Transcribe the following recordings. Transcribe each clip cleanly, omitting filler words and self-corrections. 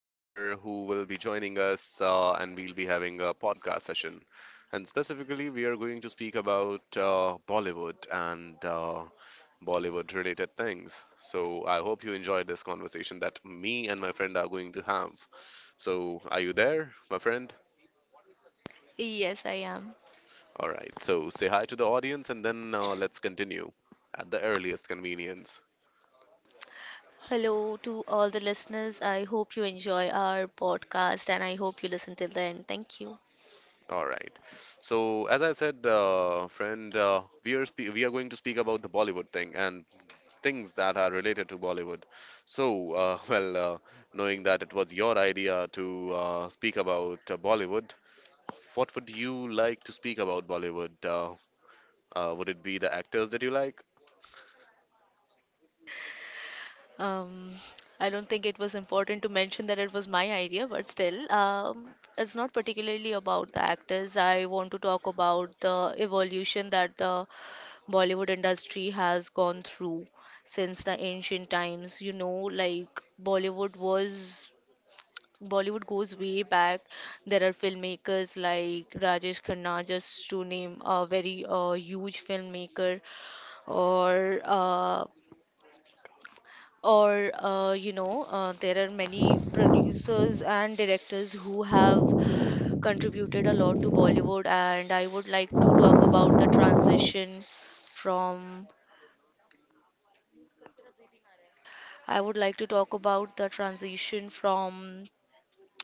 over who will be joining us, and we'll be having a podcast session. And specifically, we are going to speak about Bollywood and Bollywood related things. So, I hope you enjoy this conversation that me and my friend are going to have. So, are you there, my friend? Yes, I am. All right, so say hi to the audience and then let's continue at the earliest convenience. Hello to all the listeners. I hope you enjoy our podcast and I hope you listen till the end. Thank you. All right. So as I said, friend, we are spe we are going to speak about the Bollywood thing and things that are related to Bollywood. So, well, knowing that it was your idea to speak about Bollywood, what would you like to speak about Bollywood? Would it be the actors that you like? Um, I don't think it was important to mention that it was my idea, but still, it's not particularly about the actors. I want to talk about the evolution that the Bollywood industry has gone through since the ancient times. You know, like Bollywood was Bollywood goes way back. There are filmmakers like Rajesh Khanna, just to name a very huge filmmaker, or uh, there are many producers and directors who have contributed a lot to Bollywood. And I would like to talk about the transition from. I would like to talk about the transition from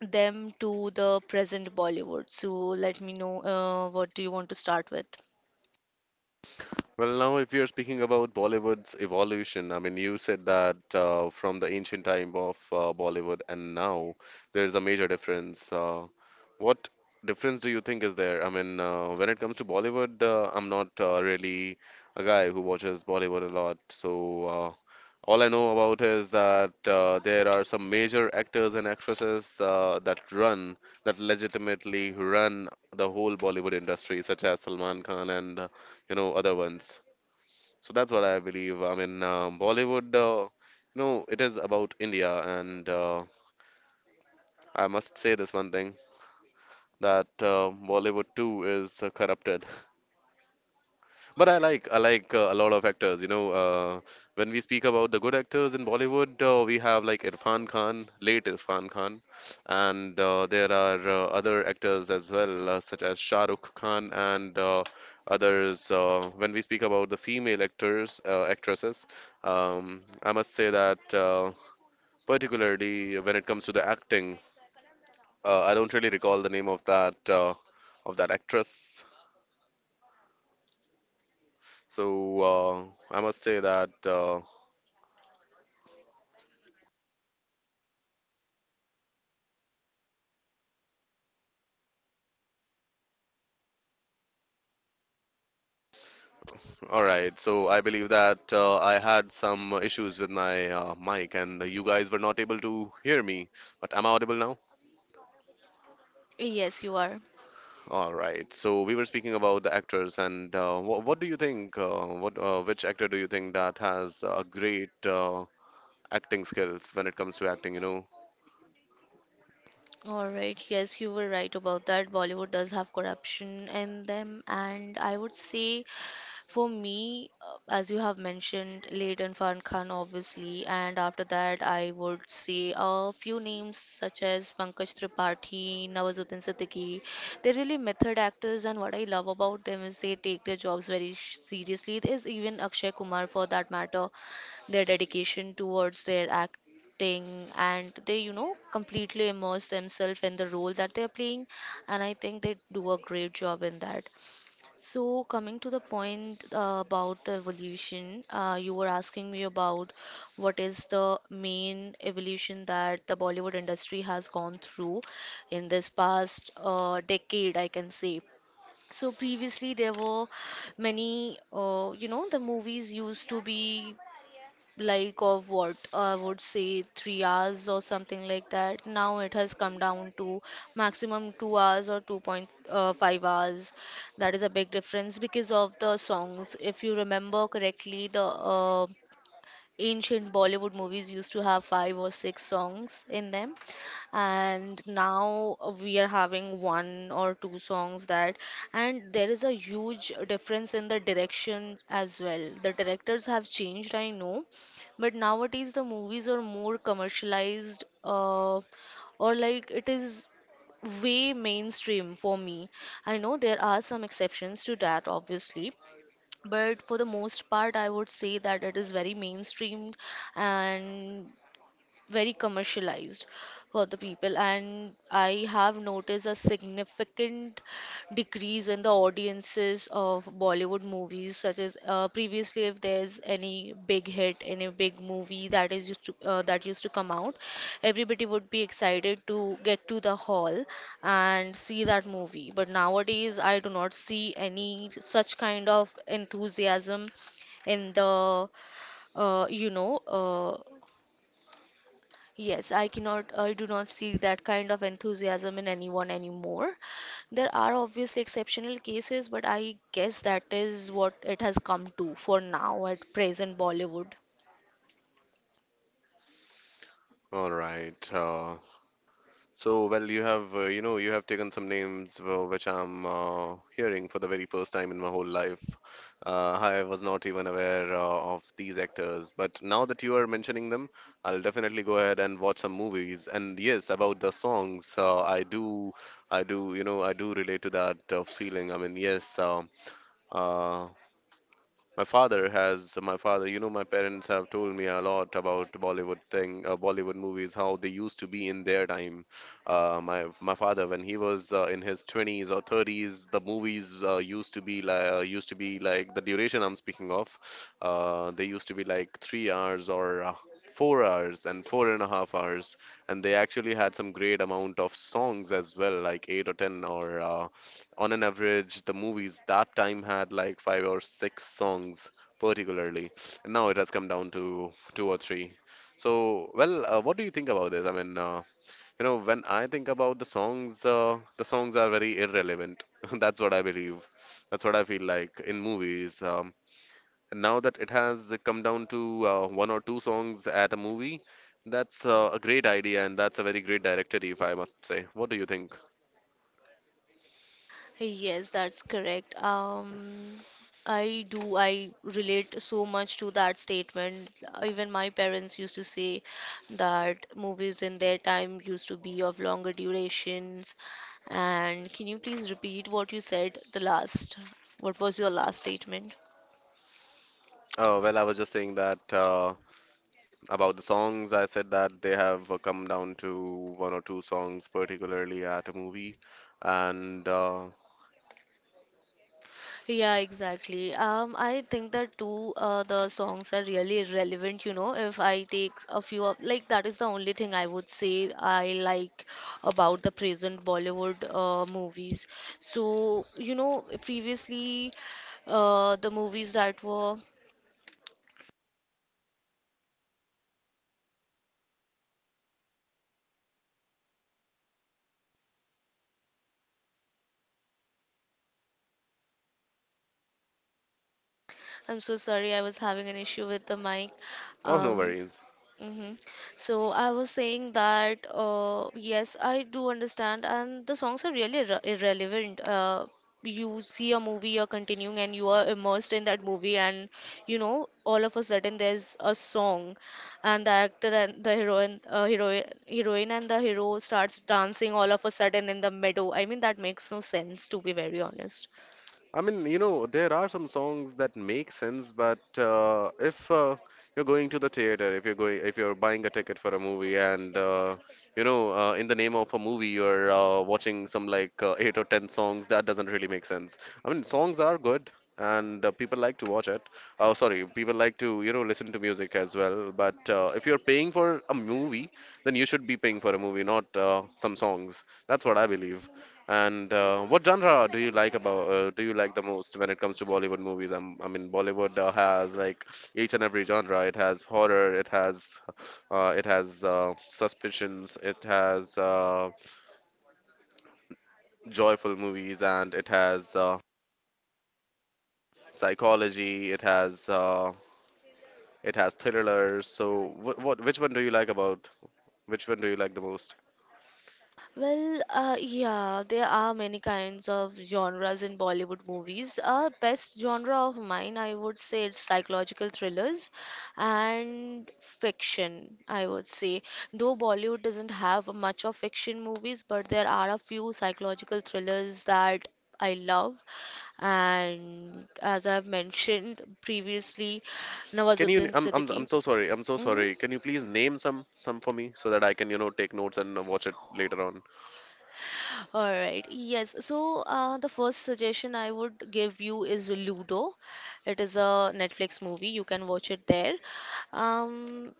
them to the present Bollywood. So let me know, what do you want to start with? Well, now if you're speaking about Bollywood's evolution, I mean, you said that from the ancient time of Bollywood and now there's a major difference. What difference do you think is there? I mean, when it comes to Bollywood, I'm not really a guy who watches Bollywood a lot. So all I know about is that there are some major actors and actresses that legitimately run the whole Bollywood industry, such as Salman Khan and you know other ones. So that's what I believe. I mean, Bollywood, you know, it is about India, and I must say this one thing that Bollywood too is corrupted. But I like a lot of actors. You know, when we speak about the good actors in Bollywood, we have like Irfan Khan, late Irfan Khan, and there are other actors as well, such as Shah Rukh Khan and others. When we speak about the female actors, actresses, I must say that particularly when it comes to the acting, I don't really recall the name of that actress. So I must say that. All right, so I believe that I had some issues with my mic and you guys were not able to hear me, but am I audible now? Yes, you are. All right, so we were speaking about the actors and what do you think, what which actor do you think that has great acting skills when it comes to acting, you know? All right. Yes, you were right about that. Bollywood does have corruption in them, and I would say, for me, as you have mentioned, late Irfan Khan, obviously. And after that, I would say a few names such as Pankaj Tripathi, Nawazuddin Siddiqui. They're really method actors, and what I love about them is they take their jobs very seriously. There's even Akshay Kumar, for that matter, their dedication towards their acting, and they, you know, completely immerse themselves in the role that they're playing, and I think they do a great job in that. So, coming to the point about the evolution, you were asking me about what is the main evolution that the Bollywood industry has gone through in this past decade, I can say. So previously there were many, you know, the movies used to be like of what I would say 3 hours or something like that. Now it has come down to maximum 2 hours or 2.5 hours. That is a big difference because of the songs. If you remember correctly, the ancient Bollywood movies used to have five or six songs in them, and now we are having one or two songs that. And there is a huge difference in the direction as well. The directors have changed, I know, but nowadays the movies are more commercialized, or like it is way mainstream for me. I know there are some exceptions to that, obviously, but for the most part I would say that it is very mainstream and very commercialized for the people. And I have noticed a significant decrease in the audiences of Bollywood movies, such as, previously if there's any big hit, any big movie that is used to that used to come out, everybody would be excited to get to the hall and see that movie. But nowadays I do not see any such kind of enthusiasm in the uh, you know uh, yes, I cannot, I do not see that kind of enthusiasm in anyone anymore. There are obviously exceptional cases, but I guess that is what it has come to for now at present Bollywood. All right. So, well, you have, you know, you have taken some names which I'm hearing for the very first time in my whole life. I was not even aware of these actors, but now that you are mentioning them, I'll definitely go ahead and watch some movies. And yes, about the songs, I do relate to that feeling. I mean, yes, uh, my father, you know, my parents have told me a lot about Bollywood thing, Bollywood movies, how they used to be in their time. My father, when he was in his 20s or 30s, the movies used to be like the duration I'm speaking of. They used to be like 3 hours or 4 hours and 4.5 hours, and they actually had some great amount of songs as well, like 8 or 10 or on an average, the movies that time had like five or six songs, particularly, and now it has come down to two or three. So, well, what do you think about this? I mean, you know, when I think about the songs are very irrelevant. That's what I believe. That's what I feel like in movies. And now that it has come down to one or two songs at a movie, that's a great idea, and that's a very great directory, if I must say. What do you think? Yes, that's correct. I do. I relate so much to that statement. Even my parents used to say that movies in their time used to be of longer durations. And can you please repeat what you said the last? What was your last statement? Oh, well, I was just saying that about the songs, I said that they have come down to one or two songs, particularly at a movie. And Yeah, exactly. I think that too, the songs are really relevant, you know. If I take a few of, like, that is the only thing I would say I like about the present Bollywood movies. So, you know, previously, the movies that were, I'm so sorry, I was having an issue with the mic. oh, no Um, worries. Mm-hmm. So I was saying that, yes, I do understand, and the songs are really irrelevant. You see a movie, you're continuing, and you are immersed in that movie, and you know, all of a sudden there's a song, and the actor and the heroine, heroine and the hero starts dancing all of a sudden in the meadow. I mean, that makes no sense, to be very honest. I mean, you know, there are some songs that make sense, but if you're going to the theater, if you're buying a ticket for a movie, and you know, in the name of a movie, you're watching some like 8 or 10 songs, that doesn't really make sense. I mean, songs are good, and people like to watch it. Oh, sorry, people like to, you know, listen to music as well. But if you're paying for a movie, then you should be paying for a movie, not some songs. That's what I believe. And what genre do you like about do you like the most when it comes to Bollywood movies? I mean, Bollywood has like each and every genre. It has horror, it has suspicions, it has joyful movies, and it has psychology. It has thrillers. So what which one do you like about which one do you like the most? Well, yeah, there are many kinds of genres in Bollywood movies. Best genre of mine, I would say it's psychological thrillers and fiction, I would say. Though Bollywood doesn't have much of fiction movies, but there are a few psychological thrillers that I love. And as I've mentioned previously, Can you? Nawazuddin I'm Siddiqui. so sorry. I'm so Mm-hmm. sorry. Can you please name some for me so that I can you know take notes and watch it later on? All right. Yes. So, the first suggestion I would give you is Ludo. It is a Netflix movie. You can watch it there. Um,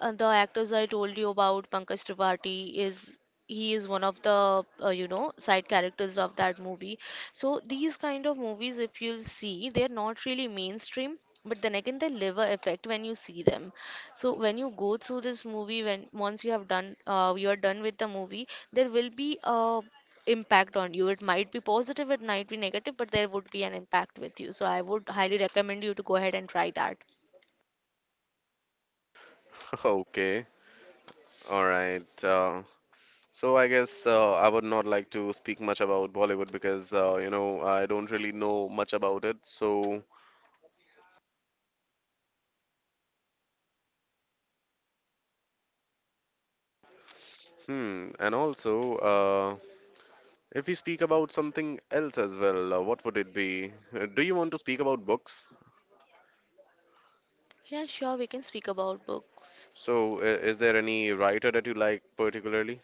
and the actors I told you about, Pankaj Tripathi, is he is one of the you know, side characters of that movie. So these kind of movies, if you'll see, they're not really mainstream. But then again, they leave a effect when you see them. So when you go through this movie, when once you have done, you are done with the movie, there will be a impact on you. It might be positive, it might be negative, but there would be an impact with you. So I would highly recommend you to go ahead and try that. Okay, all right. So I guess I would not like to speak much about Bollywood because you know I don't really know much about it. So, and also if we speak about something else as well, what would it be? Do you want to speak about books? Yeah, sure, we can speak about books. So is there any writer that you like particularly?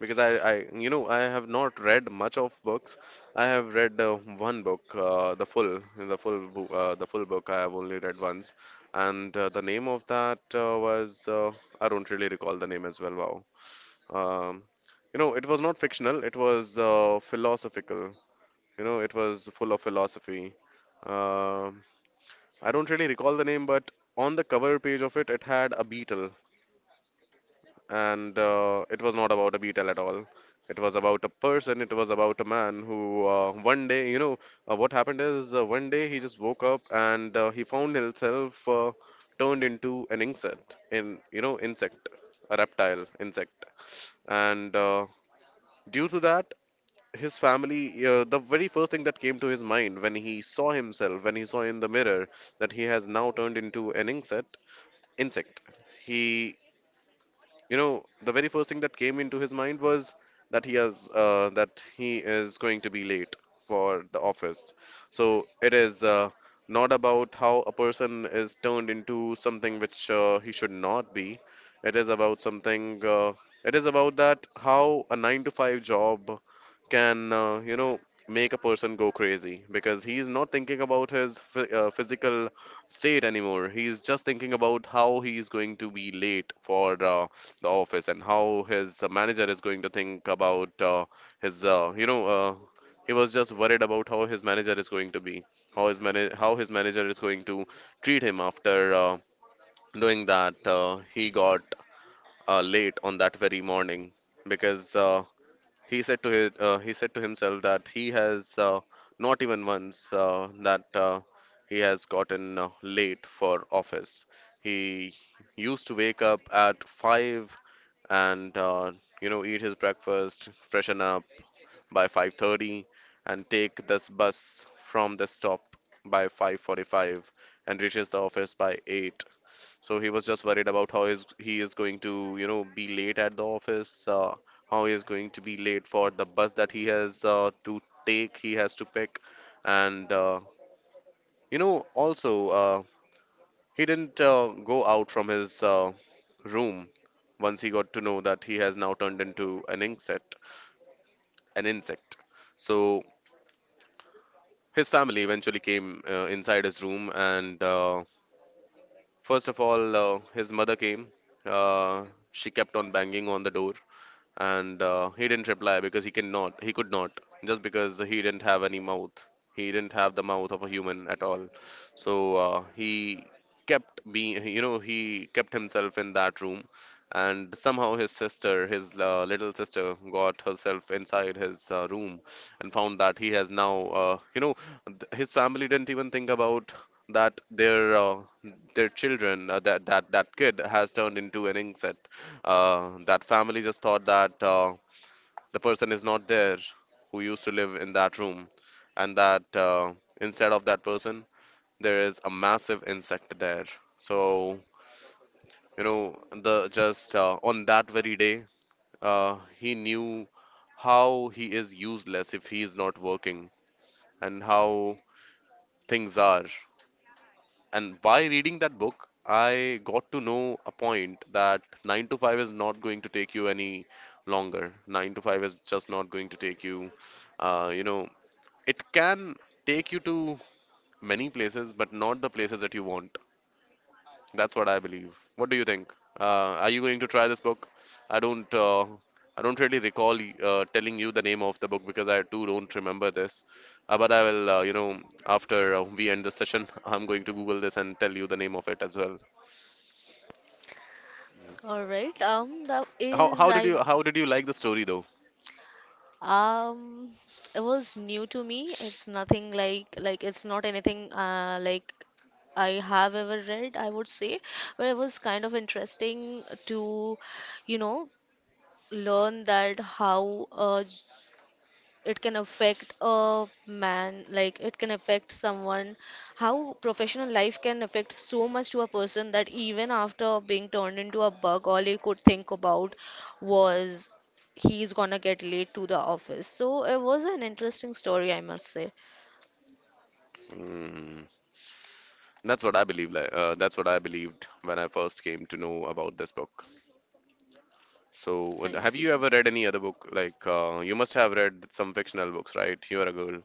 Because I you know I have not read much of books. I have read one book, the full book. I have only read once, and the name of that was I don't really recall the name as well. Wow. Um, you know, it was not fictional. It was philosophical. You know, it was full of philosophy. Um I don't really recall the name, but on the cover page of it, it had a beetle. And it was not about a beetle at all. It was about a person. It was about a man who, one day, you know, what happened is one day he just woke up and he found himself turned into an insect, insect, a reptile, insect, and due to that, his family, the very first thing that came to his mind when he saw himself, when he saw in the mirror that he has now turned into an insect. He you know the very first thing that came into his mind was that he has that he is going to be late for the office. So it is not about how a person is turned into something which he should not be. It is about something, it is about that how a 9 to 5 job can you know make a person go crazy because he's not thinking about his physical state anymore. He's just thinking about how he is going to be late for the office and how his manager is going to think about. His you know He was just worried about how his manager is going to be, how his manager is going to treat him after doing that he got late on that very morning because he said to himself that he has not even once that he has gotten late for office. He used to wake up at five and you know eat his breakfast, freshen up by 5:30, and take this bus from the stop by 5:45 and reaches the office by 8. So he was just worried about how is he is going to, you know, be late at the office, how he is going to be late for the bus that he has to pick, and you know, also he didn't go out from his room once he got to know that he has now turned into an insect, an insect. So his family eventually came inside his room, and first of all, his mother came. Uh, she kept on banging on the door, and he didn't reply because he could not, just because he didn't have any mouth. He didn't have the mouth of a human at all. So he kept being, he kept himself in that room. And somehow his sister, his little sister, got herself inside his room and found that he has now his family didn't even think about that their children, that that kid has turned into an insect. Uh, that family just thought that the person is not there who used to live in that room, and that, instead of that person, there is a massive insect there. So, the just on that very day, he knew how he is useless if he is not working, and how things are. And by reading that book, I got to know a point that 9 to 5 is not going to take you any longer. 9 to 5 is just not going to take you, uh, you know, it can take you to many places, but not the places that you want. That's what I believe. What do you think? Are you going to try this book? I don't, uh, I don't really recall telling you the name of the book, because I too don't remember this. But I will, after we end the session, I'm going to Google this and tell you the name of it as well. All right. That How is how did I you how did you like the story though? um it was new to me. It's nothing like like it's not anything like I have ever read, I would say, but it was kind of interesting to, you know, learn that how, it can affect a man, like it can affect someone, how professional life can affect so much to a person that even after being turned into a bug, all he could think about was he's gonna get late to the office. So it was an interesting story, I must say. Mm, that's what I believe. Like, that's what I believed when I first came to know about this book. So, and I have you see. ever read any other book? Like, you must have read some fictional books, right? You're a girl.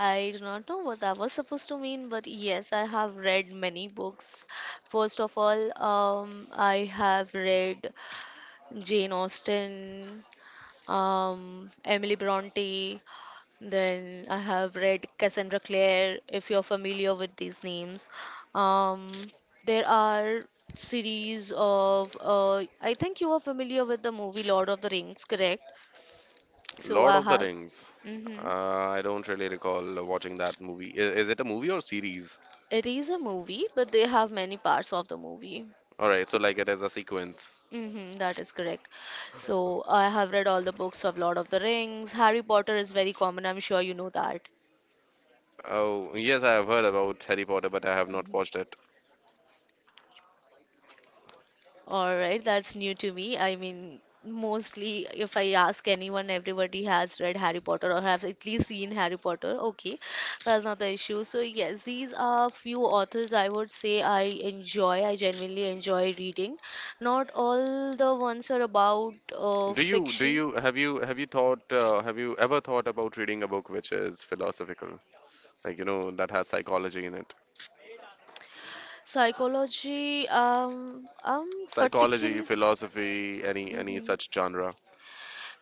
I do not know what that was supposed to mean, but yes, I have read many books. First of all, I have read Jane Austen, Emily Bronte. Then I have read Cassandra Clare, if you're familiar with these names. Um, there are series of, I think you are familiar with the movie Lord of the Rings, correct? So Lord I of the have, Rings. hmm. I don't really recall watching that movie. I- Is it a movie or series? It is a movie, but they have many parts of the movie. All right, so like it is a sequence. Mm-hmm, that is correct. So I have read all the books of Lord of the Rings. Harry Potter is very common, I'm sure you know that. Oh, yes, I have heard about Harry Potter, but I have not watched it. All right, that's new to me. I mean, mostly if I ask anyone, everybody has read Harry Potter or have at least seen Harry Potter. Okay, that's not the issue. So, yes, these are few authors I would say I enjoy. I genuinely enjoy reading. Not all the ones are about Do fiction. you have you have you thought have you ever thought about reading a book which is philosophical, like you know, that has psychology in it? Psychology, I'm Psychology, particular. philosophy, any such Mm-hmm. genre?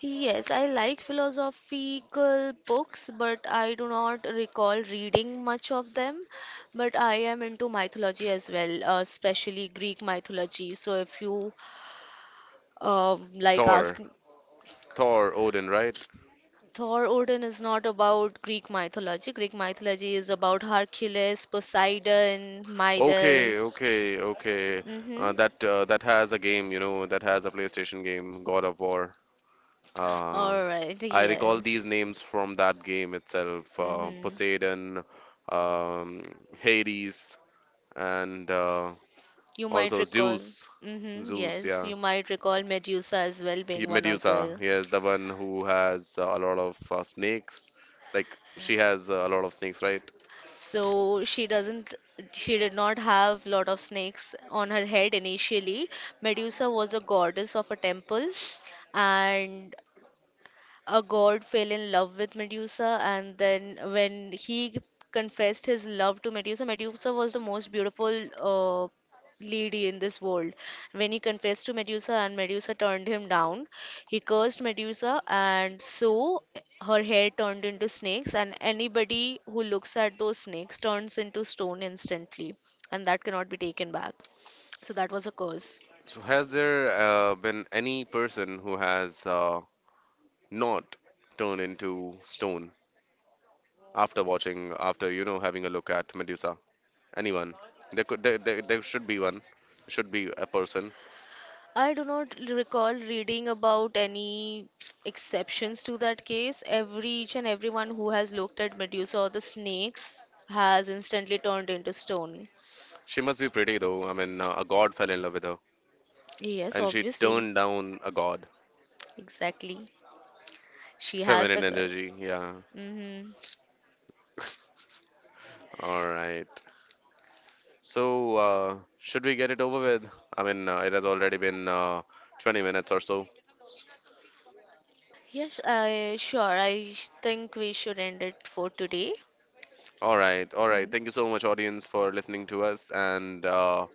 Yes, I like philosophical books, but I do not recall reading much of them. But I am into mythology as well, especially Greek mythology. So if you Thor. ask, Thor, Odin, right? Thor Odin is not about Greek mythology. Greek mythology is about Hercules, Poseidon, Okay, Midas. okay, okay. Mm-hmm. That has a game, you know, that has a PlayStation game, God of War. uh, All right, i yeah. recall these names from that game itself. Uh, Mm-hmm. poseidon, um, Hades, and You might also recall. Zeus. Mm-hmm. Zeus, Yes, yeah. you might recall Medusa as well Y- being one of Medusa, the. yes, the one who has a lot of snakes. Like she has a lot of snakes, right? So she doesn't, she did not have lot of snakes on her head initially. Medusa was a goddess of a temple, and a god fell in love with Medusa, and then when he confessed his love to Medusa, Medusa was the most beautiful uh, lady in this world. When he confessed to Medusa and Medusa turned him down, he cursed Medusa, and so her hair turned into snakes, and anybody who looks at those snakes turns into stone instantly, and that cannot be taken back. So that was a curse. So has there been any person who has not turned into stone after watching, after you know, having a look at Medusa? Anyone? There could, there should be one. There should be a person. I do not recall reading about any exceptions to that case. Every each and everyone who has looked at Medusa or the snakes has instantly turned into stone. She must be pretty though. I mean, a god fell in love with her, Yes, and she obviously. turned down a god. Exactly. She has Feminine the energy, guts. yeah. Mm-hmm. All right. So, should we get it over with? I mean, it has already been 20 minutes or so. Yes, I sure. I think we should end it for today. All right, all right. Thank you Hmm. so much, audience, for listening to us. And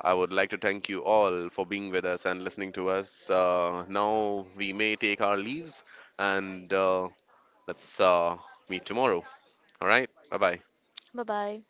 I would like to thank you all for being with us and listening to us. Now we may take our leaves, and let's meet tomorrow. All right, bye bye. Bye bye.